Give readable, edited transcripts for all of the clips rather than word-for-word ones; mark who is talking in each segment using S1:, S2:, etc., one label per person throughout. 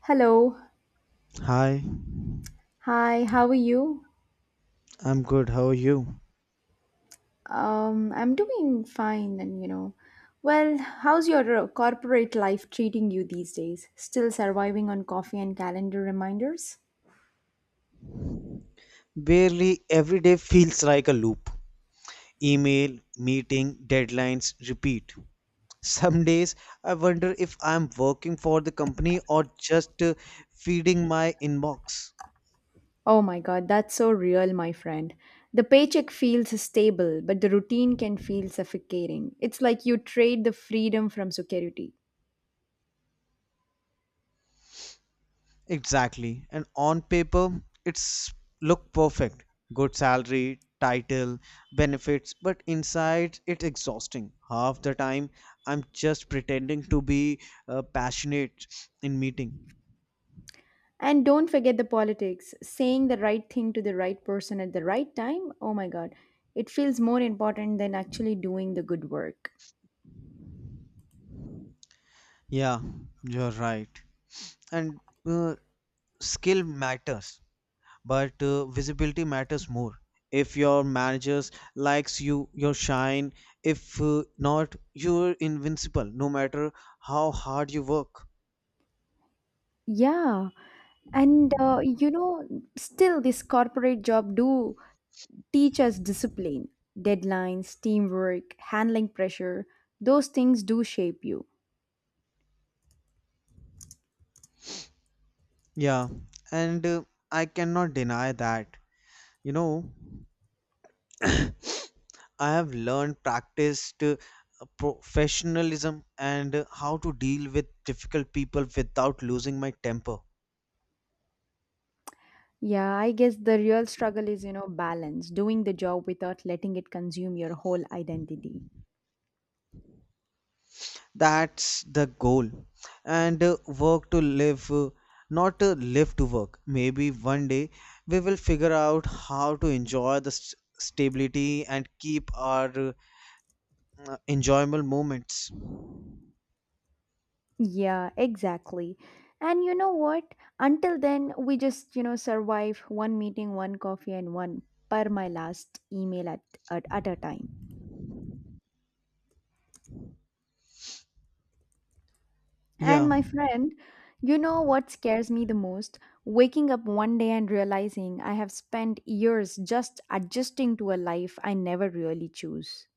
S1: Hello.
S2: Hi,
S1: Hi, how are you?
S2: I'm good. How are you?
S1: I'm doing fine and you know. Well, how's your corporate life treating you these days? Still surviving on coffee and calendar reminders?
S2: Barely every day feels like a loop. Email, meeting, deadlines, repeat. Some days I wonder if I'm working for the company or just feeding my inbox.
S1: Oh my god, that's so real, my friend. The paycheck feels stable, but the routine can feel suffocating. It's like you trade the freedom from security.
S2: Exactly. And on paper, it's look perfect. Good salary, title, benefits, but inside it's exhausting. Half the time I'm just pretending to be passionate in meeting.
S1: And don't forget the politics. Saying the right thing to the right person at the right time, oh my god, it feels more important than actually doing the good work.
S2: Yeah, you're right. And uh, Skill matters, but visibility matters more. If your managers likes you, your shine. If not, you're invincible no matter how hard you work.
S1: Yeah, and you know, still this corporate job do teach us discipline, deadlines, teamwork, handling pressure. Those things do shape you.
S2: Yeah, and I cannot deny that. You know, I have learned practiced professionalism and how to deal with difficult people without losing my temper.
S1: Yeah, I guess the real struggle is, you know, balance, doing the job without letting it consume your whole identity.
S2: That's the goal. And Work to live, not live to work. Maybe one day we will figure out how to enjoy the stability and keep our enjoyable moments.
S1: Yeah, exactly. And you know what? Until then, we just, you know, survive one meeting, one coffee, and one per my last email at a time.
S2: Yeah,
S1: And my friend, you know what scares me the most? Waking up one day and realizing I have spent years just adjusting to a life I never really choose.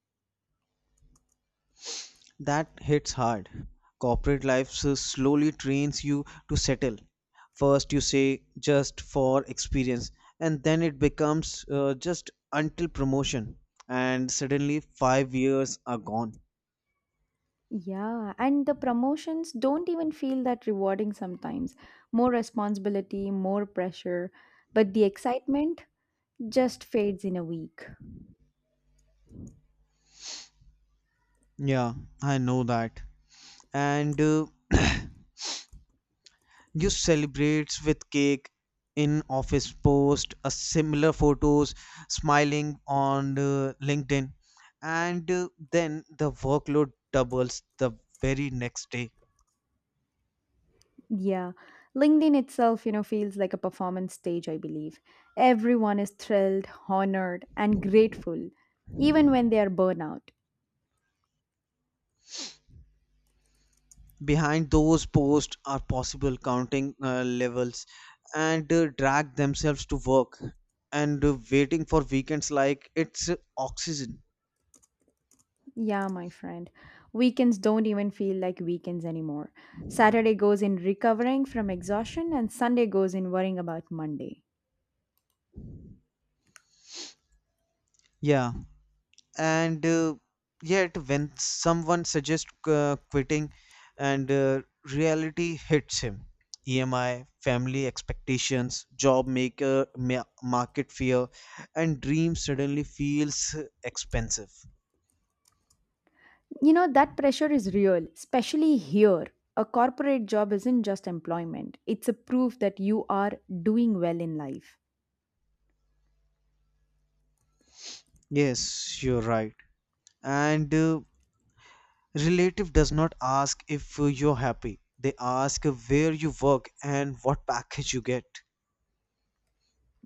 S2: that hits hard. Corporate life slowly trains you to settle. First, you say just for experience, and then it becomes just until promotion, and suddenly 5 years are gone.
S1: Yeah, and the promotions don't even feel that rewarding sometimes. More responsibility, more pressure, but the excitement just fades in a week.
S2: Yeah, I know that. And You celebrates with cake in office post, a similar photos, smiling on LinkedIn, and then the workload doubles the very next day.
S1: Yeah, LinkedIn itself, you know, feels like a performance stage, I believe. Everyone is thrilled, honored, and grateful, even when they are burnout.
S2: Behind those posts are possible counting levels, and drag themselves to work, and waiting for weekends like it's oxygen.
S1: Yeah, my friend. Weekends don't even feel like weekends anymore. Saturday goes in recovering from exhaustion, and Sunday goes in worrying about Monday.
S2: Yeah, and yet when someone suggests quitting and reality hits him, emi family expectations job maker market fear, and dream suddenly feels expensive.
S1: You know, that pressure is real, especially here. A corporate job isn't just employment, it's a proof that you are doing well in life.
S2: Yes, you're right. and Relative does not ask if you're happy. They ask where you work and what package you get.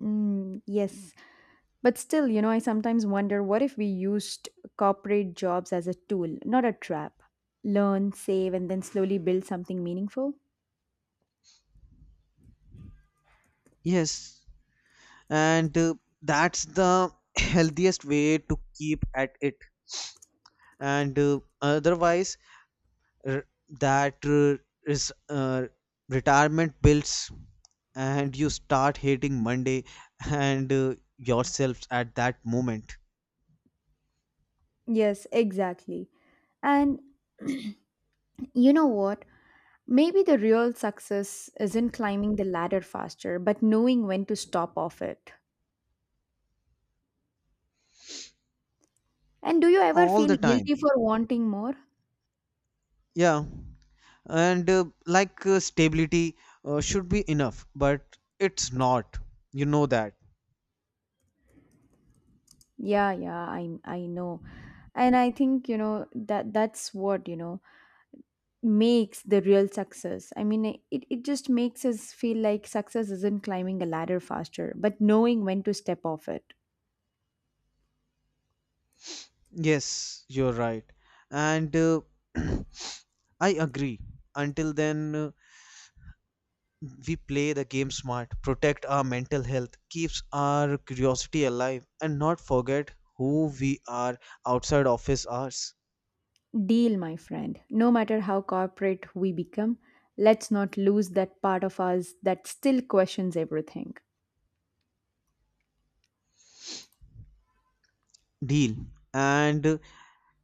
S1: Mm, yes. But still, you know, I sometimes wonder what if we used corporate jobs as a tool, not a trap? Learn, save, and then slowly build something meaningful?
S2: Yes, and that's the healthiest way to keep at it, and otherwise, r- that is retirement builds and you start hating monday and yourselves at that moment.
S1: Yes, exactly. And you know what? Maybe the real success isn't climbing the ladder faster, but knowing when to stop off it. And do you ever
S2: All the
S1: feel
S2: time,
S1: guilty for wanting more?
S2: yeah, and like stability should be enough, but it's not, you know that.
S1: Yeah, yeah, I know. And I think, you know, that that's what, you know, makes the real success. I mean, it just makes us feel like success isn't climbing a ladder faster, but knowing when to step off it.
S2: Yes, you're right. and I agree. Until then, we play the game smart, protect our mental health, keeps our curiosity alive, and not forget who we are outside office hours.
S1: Deal, my friend. No matter how corporate we become, let's not lose that part of us that still questions everything.
S2: Deal. And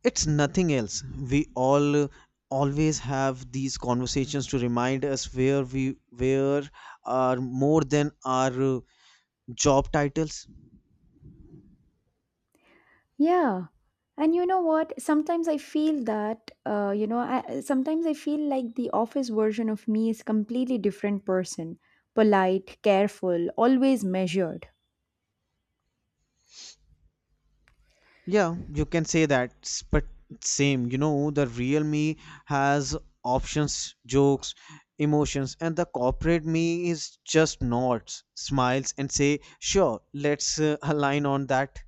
S2: It's nothing else. We all always have these conversations to remind us where we where are more than our job titles.
S1: Yeah. And you know what? Sometimes I feel that, you know, I, sometimes I feel like the office version of me is completely different person. Polite, careful, always measured.
S2: Yeah, you can say that, but same, you know, the real me has options, jokes, emotions, and the corporate me is just nods, smiles, and say, sure, let's align on that.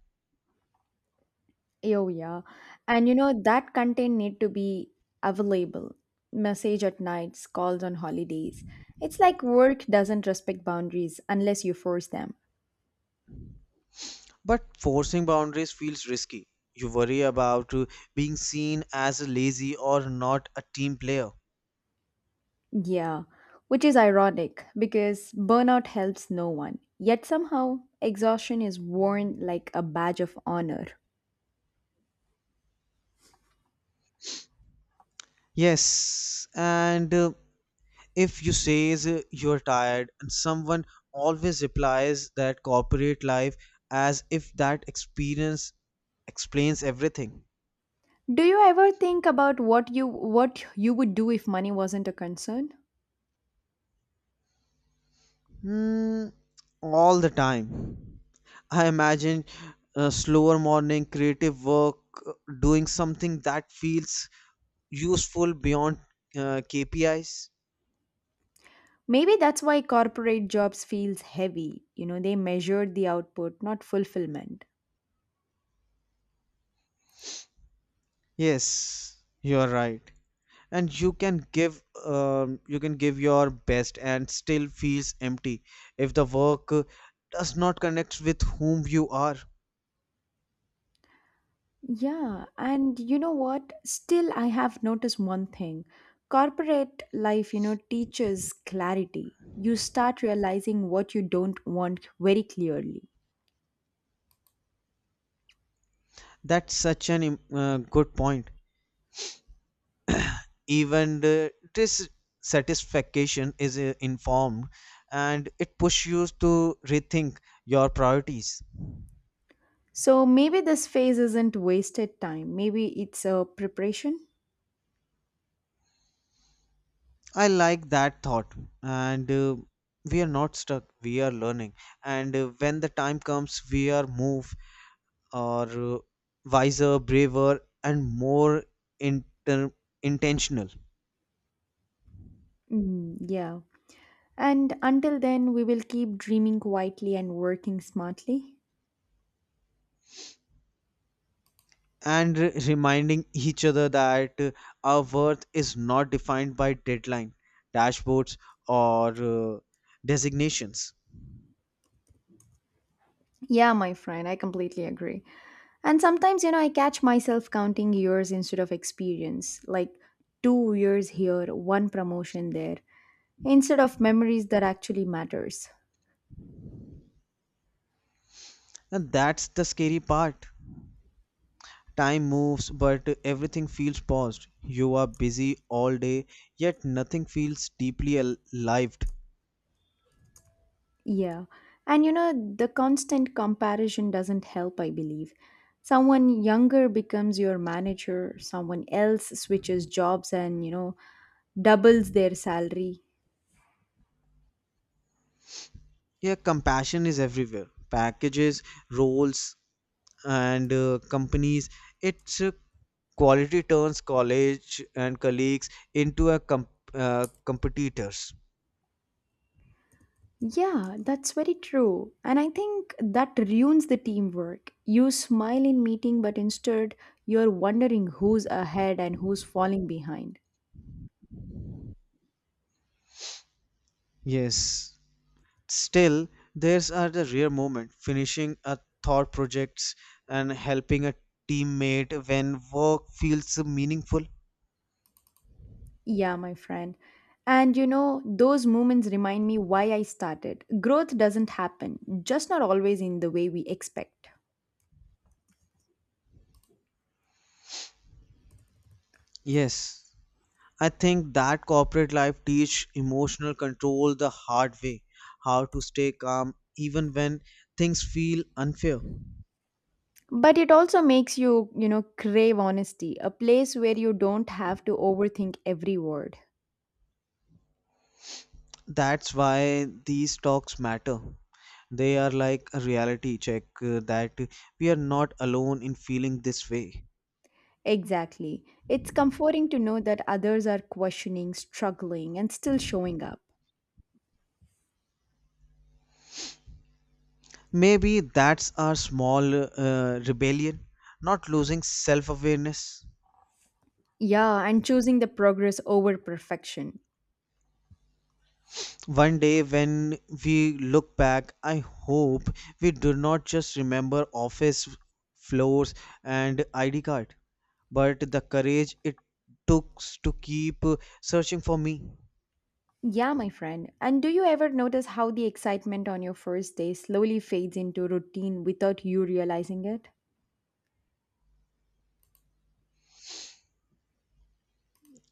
S1: Oh yeah. And you know that content need to be available. Message at nights, calls on holidays. It's like work doesn't respect boundaries unless you force them.
S2: But forcing boundaries feels risky. You worry about being seen as lazy or not a team player.
S1: Yeah. Which is ironic because burnout helps no one. Yet somehow exhaustion is worn like a badge of honor.
S2: Yes, and if you says you're tired and someone always replies that corporate life, as if that experience explains everything.
S1: Do you ever think about what you would do if money wasn't a concern?
S2: Hmm, all the time. I imagine a slower morning, creative work, uh, doing something that feels useful beyond kpis.
S1: Maybe that's why corporate jobs feels heavy. You know, they measure the output, not fulfillment.
S2: Yes, you're right. And you can give your best and still feels empty if the work does not connect with whom you are.
S1: Yeah, and you know what? Still, I have noticed one thing. Corporate life, you know, teaches clarity. You start realizing what you don't want very clearly.
S2: That's such an good point. Even this satisfaction is informed, and it pushes you to rethink your priorities.
S1: So maybe this phase isn't wasted time. Maybe it's a preparation.
S2: I like that thought, and we are not stuck, we are learning, and when the time comes we are move, or wiser, braver, and more inter- intentional.
S1: Mm, yeah. And until then, we will keep dreaming quietly and working smartly.
S2: And reminding each other that our worth is not defined by deadline, dashboards, or designations.
S1: Yeah, my friend, I completely agree. And sometimes, you know, I catch myself counting years instead of experience, like 2 years here, one promotion there, instead of memories that actually matters.
S2: And that's the scary part. Time moves, but everything feels paused. You are busy all day, yet nothing feels deeply alive.
S1: Yeah. And you know, the constant comparison doesn't help, I believe. Someone younger becomes your manager, someone else switches jobs and, you know, doubles their salary.
S2: Yeah, compassion is everywhere. Packages, roles, and companies, its quality turns college and colleagues into a competitors.
S1: Yeah, that's very true. And I think that ruins the teamwork. You smile in meeting, but instead you're wondering who's ahead and who's falling behind.
S2: Yes, still there's are the rare moment, finishing a thought projects and helping a teammate when work feels meaningful.
S1: Yeah, my friend. And you know, those moments remind me why I started. Growth doesn't happen, just not always in the way we expect.
S2: Yes, I think that corporate life teach emotional control the hard way, how to stay calm even when things feel unfair.
S1: But it also makes you, you know, crave honesty, a place where you don't have to overthink every word.
S2: That's why these talks matter. They are like a reality check that we are not alone in feeling this way.
S1: Exactly. It's comforting to know that others are questioning, struggling, and still showing up.
S2: Maybe that's our small rebellion, not losing self awareness.
S1: Yeah, and choosing the progress over perfection.
S2: One day, when we look back, I hope we do not just remember office floors and ID card, but the courage it took to keep searching for me.
S1: Yeah, my friend. And do you ever notice how the excitement on your first day slowly fades into routine without you realizing it?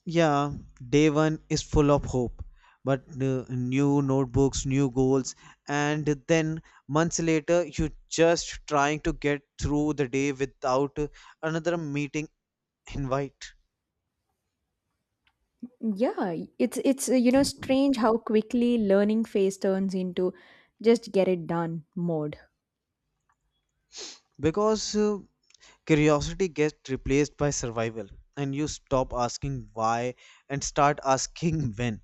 S2: Yeah, day one is full of hope, but new notebooks, new goals, and then months later, you just trying to get through the day without another meeting invite,
S1: Yeah, it's you know strange how quickly learning phase turns into just get it done mode.
S2: because curiosity gets replaced by survival, and you stop asking why and start asking when.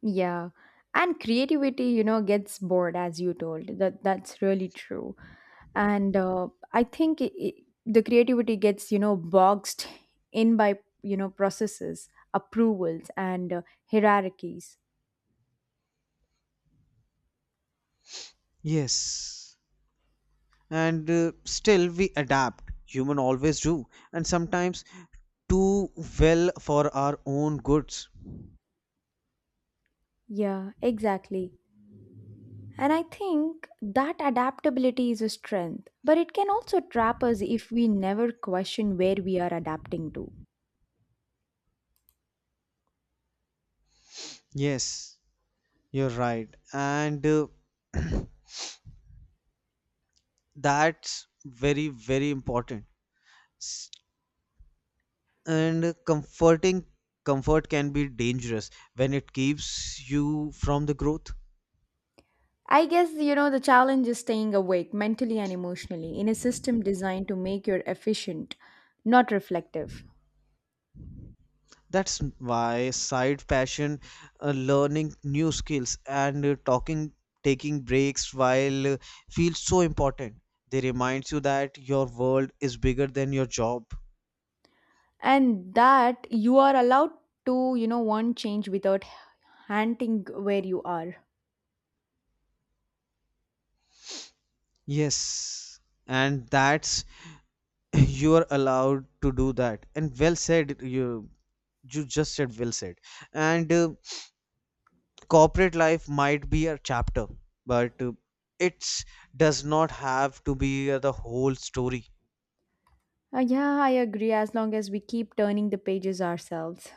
S1: Yeah. And creativity, you know, gets bored as you told. That that's really true. And I think I the creativity gets, you know, boxed in by, you know, processes, approvals, and hierarchies.
S2: Yes, and still we adapt. Human always do, and sometimes too well for our own goods.
S1: Yeah, exactly. And I think that adaptability is a strength, but it can also trap us if we never question where we are adapting to.
S2: Yes, you're right. And That's very, very important. S- And comforting, comfort can be dangerous when it keeps you from the growth.
S1: I guess, you know, the challenge is staying awake mentally and emotionally in a system designed to make you efficient, not reflective.
S2: That's why side passion, learning new skills, and taking breaks while feels so important. They reminds you that your world is bigger than your job.
S1: And that you are allowed to, you know, want change without hunting where you are.
S2: Yes, and that's, you are allowed to do that, and well said, you just said well said, and corporate life might be a chapter, but it does not have to be the whole story.
S1: Yeah, I agree, as long as we keep turning the pages ourselves.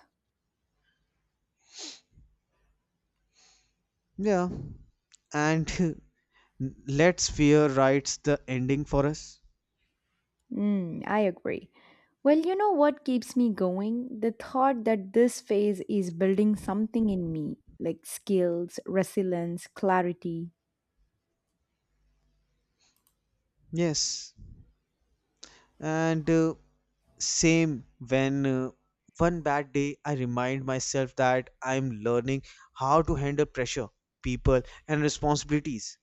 S2: Yeah, and let's fear writes the ending for us.
S1: Mm, I agree. Well, you know what keeps me going? The thought that this phase is building something in me, like skills, resilience, clarity.
S2: Yes, and same, when one bad day I remind myself that I'm learning how to handle pressure, people, and responsibilities.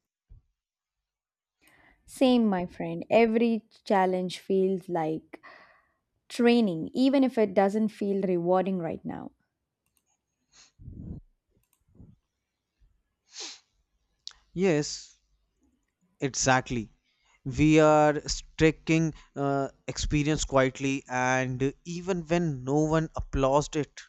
S1: Same, my friend. Every challenge feels like training, even if it doesn't feel rewarding right now.
S2: Yes, exactly. We are striking experience quietly, and even when no one applauds it,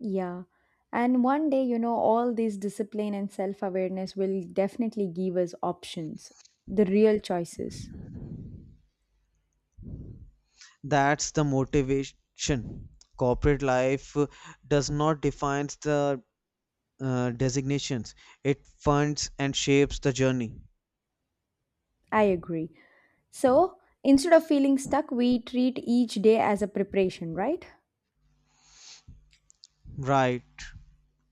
S1: Yeah. And one day, you know, all this discipline and self awareness will definitely give us options, the real choices.
S2: that's the motivation. Corporate life does not define the designations, it funds and shapes the journey.
S1: I agree. So instead of feeling stuck, we treat each day as a preparation, right?
S2: Right.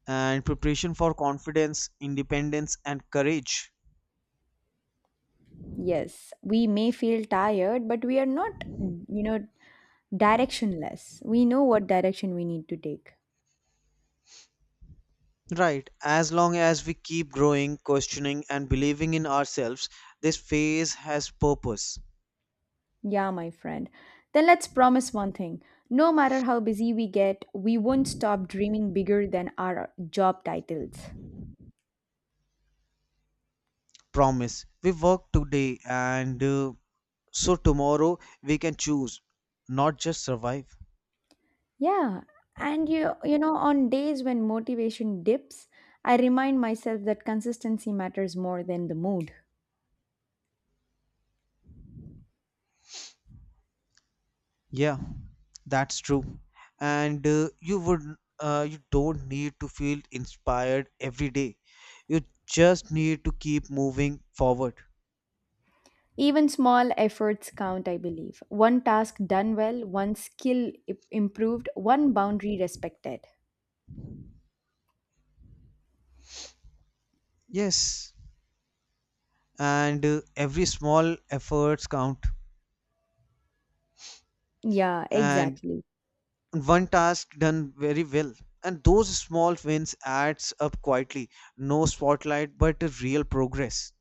S2: And preparation for confidence, independence, and courage.
S1: Yes, we may feel tired, but we are not, you know, directionless. We know what direction we need to take.
S2: Right. As long as we keep growing, questioning, and believing in ourselves, this phase has purpose,
S1: Yeah, my friend. Then let's promise one thing. No matter how busy we get, we won't stop dreaming bigger than our job titles.
S2: promise. We work today, and so tomorrow we can choose, not just survive.
S1: Yeah, and you know on days when motivation dips, I remind myself that consistency matters more than the mood.
S2: Yeah, that's true. And you don't need to feel inspired every day. You just need to keep moving forward.
S1: Even small efforts count, I believe. One task done well, one skill improved, one boundary respected.
S2: Yes, and every small efforts count.
S1: Yeah,
S2: And
S1: exactly.
S2: one task done very well, and those small wins adds up quietly, no spotlight but a real progress.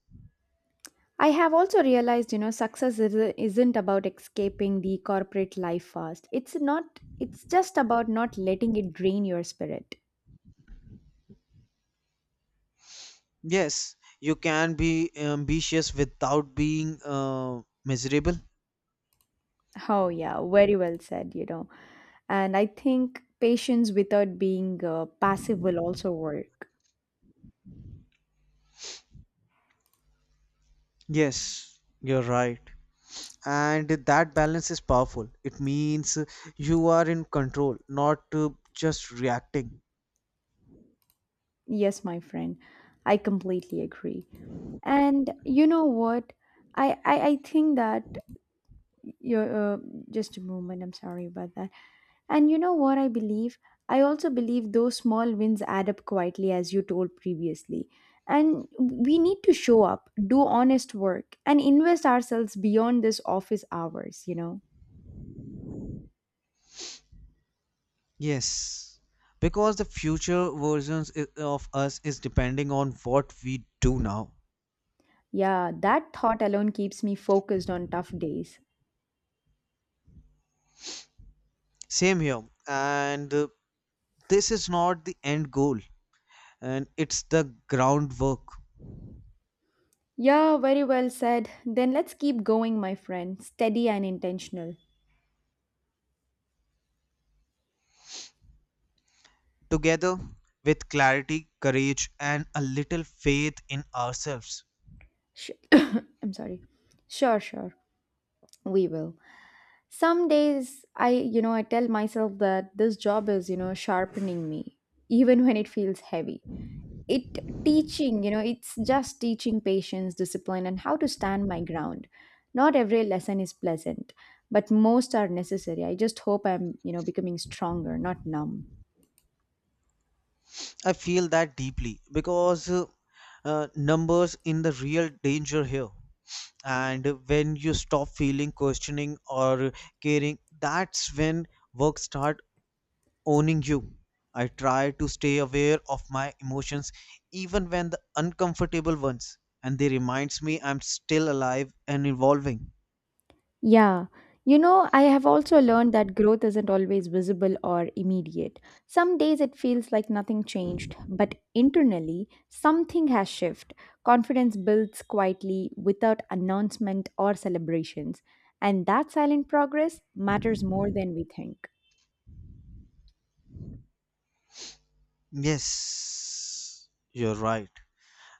S1: I have also realized, you know, success isn't about escaping the corporate life fast. It's not, it's just about not letting it drain your spirit.
S2: Yes, you can be ambitious without being miserable.
S1: Oh, yeah, very well said, you know. And I think patience without being passive will also work.
S2: Yes, you're right. And that balance is powerful. It means you are in control, not just reacting.
S1: Yes, my friend, I completely agree. And you know what? I think that you're just a moment. I'm sorry about that. And you know what I believe? I also believe those small wins add up quietly, as you told previously. And we need to show up, do honest work, and invest ourselves beyond this office hours, you know?
S2: Yes, because the future versions of us is depending on what we do now.
S1: Yeah, that thought alone keeps me focused on tough days.
S2: Same here, and this is not the end goal, and it's the groundwork.
S1: Yeah, very well said. Then let's keep going, my friend, steady and intentional.
S2: Together, with clarity, courage, and a little faith in ourselves.
S1: I'm sorry. Sure, sure. We will. Some days I, you know, I tell myself that this job is, you know, sharpening me, even when it feels heavy. It teaching, you know, it's just teaching patience, discipline, and how to stand my ground. Not every lesson is pleasant, but most are necessary. I just hope I'm, you know, becoming stronger, not numb.
S2: I feel that deeply because numbers in the real danger here. And when you stop feeling, questioning, or caring, that's when work starts owning you. I try to stay aware of my emotions even when the uncomfortable ones, and they reminds me I'm still alive and evolving.
S1: Yeah. You know, I have also learned that growth isn't always visible or immediate. Some days it feels like nothing changed, but internally, something has shifted. Confidence builds quietly without announcement or celebrations. And that silent progress matters more than we think.
S2: Yes, you're right.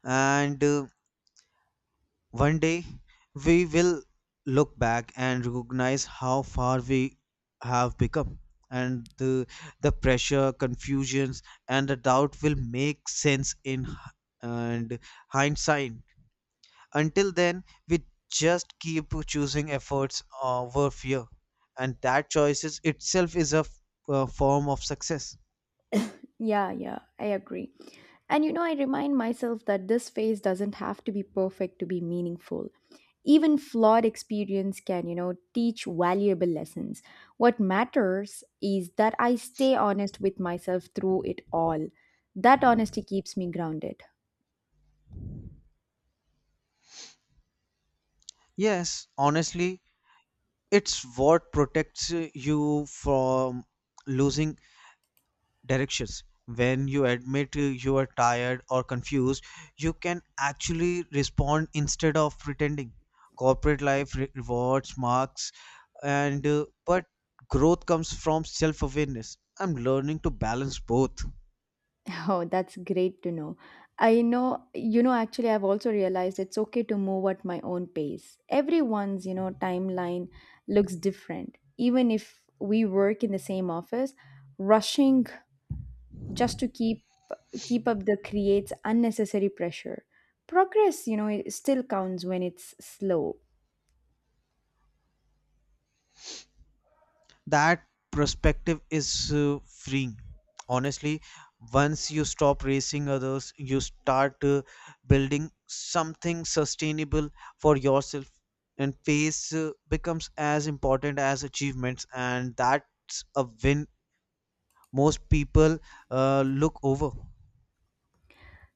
S2: And One day we will look back and recognize how far we have become, and the pressure, confusions, and the doubt will make sense in h- and hindsight. Until then, we just keep choosing efforts over fear, and that choices itself is a form of success.
S1: Yeah, yeah, I agree. And you know, I remind myself that this phase doesn't have to be perfect to be meaningful. Even flawed experience can, you know, teach valuable lessons. What matters is that I stay honest with myself through it all. That honesty keeps me grounded.
S2: Yes, honestly, it's what protects you from losing directions. When you admit you are tired or confused, you can actually respond instead of pretending. Corporate life rewards marks, and but growth comes from self awareness. I'm learning to balance both.
S1: Oh, that's great to know. I know, you know, actually, I've also realized it's okay to move at my own pace. Everyone's, you know, timeline looks different. Even if we work in the same office, rushing just to keep up the creates unnecessary pressure. Progress, you know, it still counts when it's slow.
S2: That perspective is freeing, honestly. Once you stop racing others, you start building something sustainable for yourself, and pace becomes as important as achievements, and that's a win most people look over.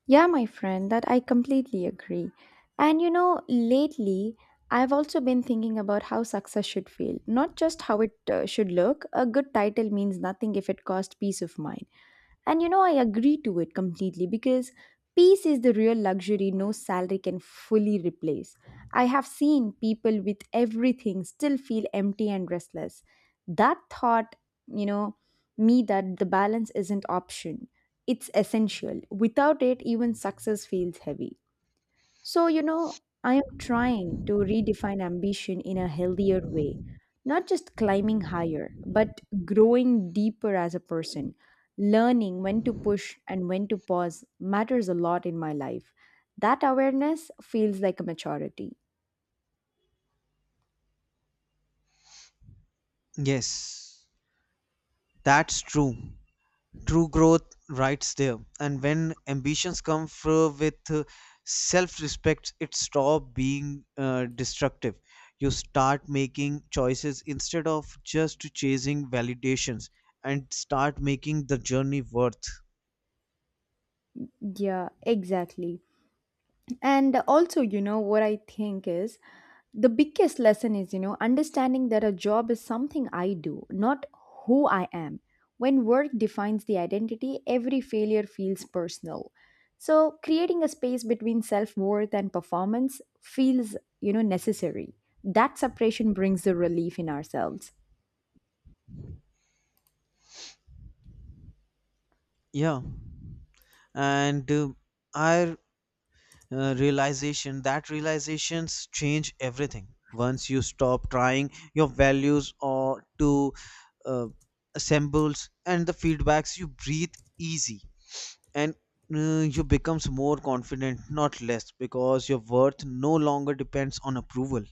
S1: Yeah, my friend, that I completely agree. And you know, lately I've also been thinking about how success should feel, not just how it should look. A good title means nothing if it costs peace of mind. And you know, I agree to it completely because peace is the real luxury no salary can fully replace. I have seen people with everything still feel empty and restless. That thought, you know, me that the balance isn't option. It's essential. Without it, even success feels heavy. So, you know, I am trying to redefine ambition in a healthier way, not just climbing higher, but growing deeper as a person. Learning when to push and when to pause matters a lot in my life. That awareness feels like a maturity.
S2: Yes, that's true. True growth rides there, and when ambitions come through with self-respect, it stop being destructive. You start making choices instead of just chasing validations, and start making the journey worth.
S1: Yeah, exactly. And also, you know, what I think is the biggest lesson is, you know, understanding that a job is something I do, not who I am. When work defines the identity, every failure feels personal. So, creating a space between self worth and performance feels, you know, necessary. That separation brings the relief in ourselves.
S2: Yeah, and I realization, that realizations change everything. Once you stop trying your values or to uh, assembles and the feedbacks, you breathe easy, and you becomes more confident, not less, because your worth no longer depends on approval.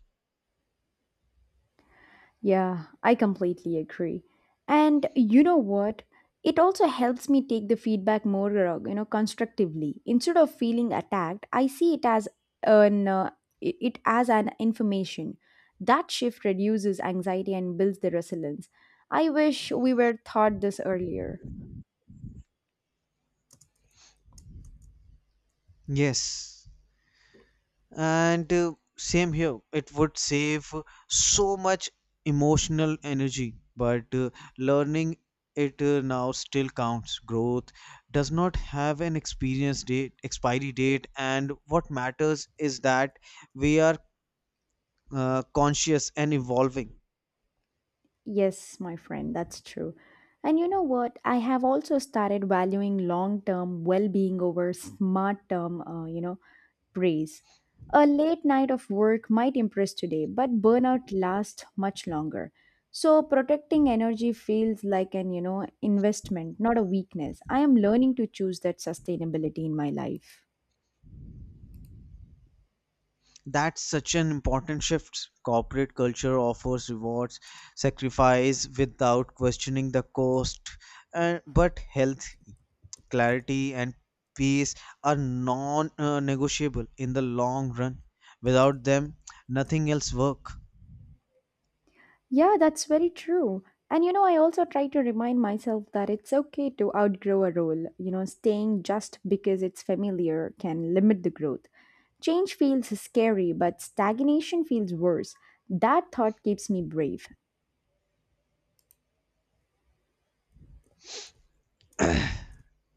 S1: Yeah, I completely agree. And you know what? It also helps me take the feedback more, you know, constructively. Instead of feeling attacked, I see it as an it as an information. That shift reduces anxiety and builds the resilience. I wish we were taught this earlier.
S2: Yes, and same here. It would save so much emotional energy, but learning it now still counts. Growth does not have an experience date expiry date, and what matters is that we are conscious and evolving.
S1: Yes, my friend, that's true. And you know what? I have also started valuing long-term well-being over smart-term, you know, praise. A late night of work might impress today, but burnout lasts much longer. So protecting energy feels like an, you know, investment, not a weakness. I am learning to choose that sustainability in my life.
S2: That's such an important shift. Corporate culture offers rewards sacrifice without questioning the cost, and but health, clarity, and peace are non negotiable in the long run. Without them, nothing else work.
S1: Yeah, that's very true. And you know, I also try to remind myself that it's okay to outgrow a role. You know, staying just because it's familiar can limit the growth. Change feels scary, but stagnation feels worse. That thought keeps me brave.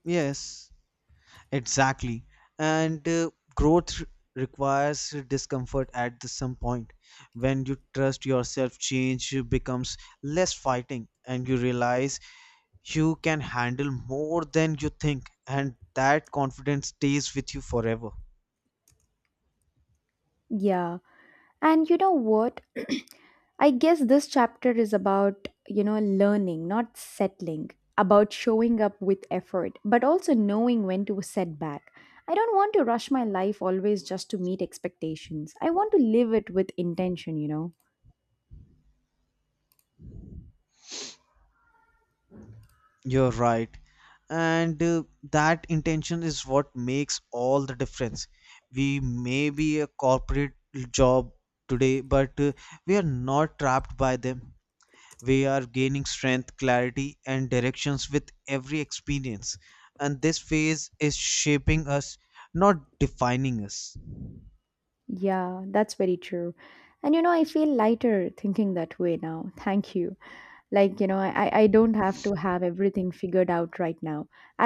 S2: Yes, exactly. And Growth requires discomfort at the some point. When you trust yourself, change becomes less fighting and you realize you can handle more than you think, and that confidence stays with you forever.
S1: Yeah. And you know what? I guess this chapter is about, you know, learning, not settling, about showing up with effort, but also knowing when to set back. I don't want to rush my life always just to meet expectations. I want to live it with intention, you know?
S2: You're right. And That intention is what makes all the difference. We may be a corporate job today, but we are not trapped by them. We are gaining strength, clarity, and directions with every experience. And this phase is shaping us, not defining us.
S1: Yeah, that's very true. And you know, I feel lighter thinking that way now. Thank you. Like, you know, I don't have to have everything figured out right now.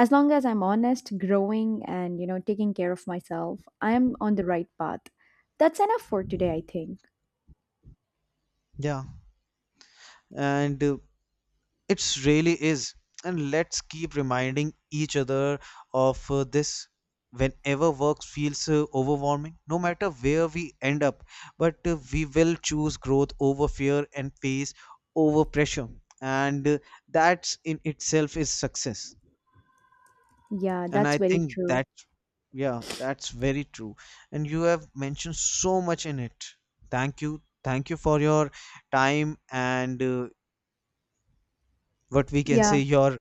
S1: As long as I'm honest, growing, and, you know, taking care of myself, I am on the right path. That's enough for today, I think.
S2: Yeah. And It really is. And let's keep reminding each other of this whenever work feels overwhelming, no matter where we end up. But we will choose growth over fear and pace over pressure. And That in itself is success.
S1: Yeah,
S2: And
S1: that's
S2: I
S1: very
S2: think
S1: true.
S2: that, yeah, that's very true. And you have mentioned so much in it. Thank you. Thank you for your time, and what we can say
S1: Yeah,
S2: your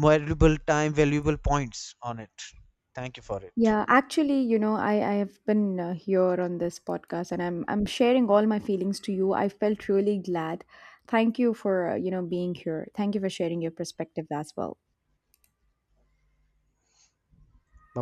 S2: valuable time, valuable points on it. Thank you for it.
S1: yeah, actually, you know, I have been here on this podcast, and I'm sharing all my feelings to you. I felt really glad. Thank you for you know being here. Thank you for sharing your perspective as well.
S2: Bye bye.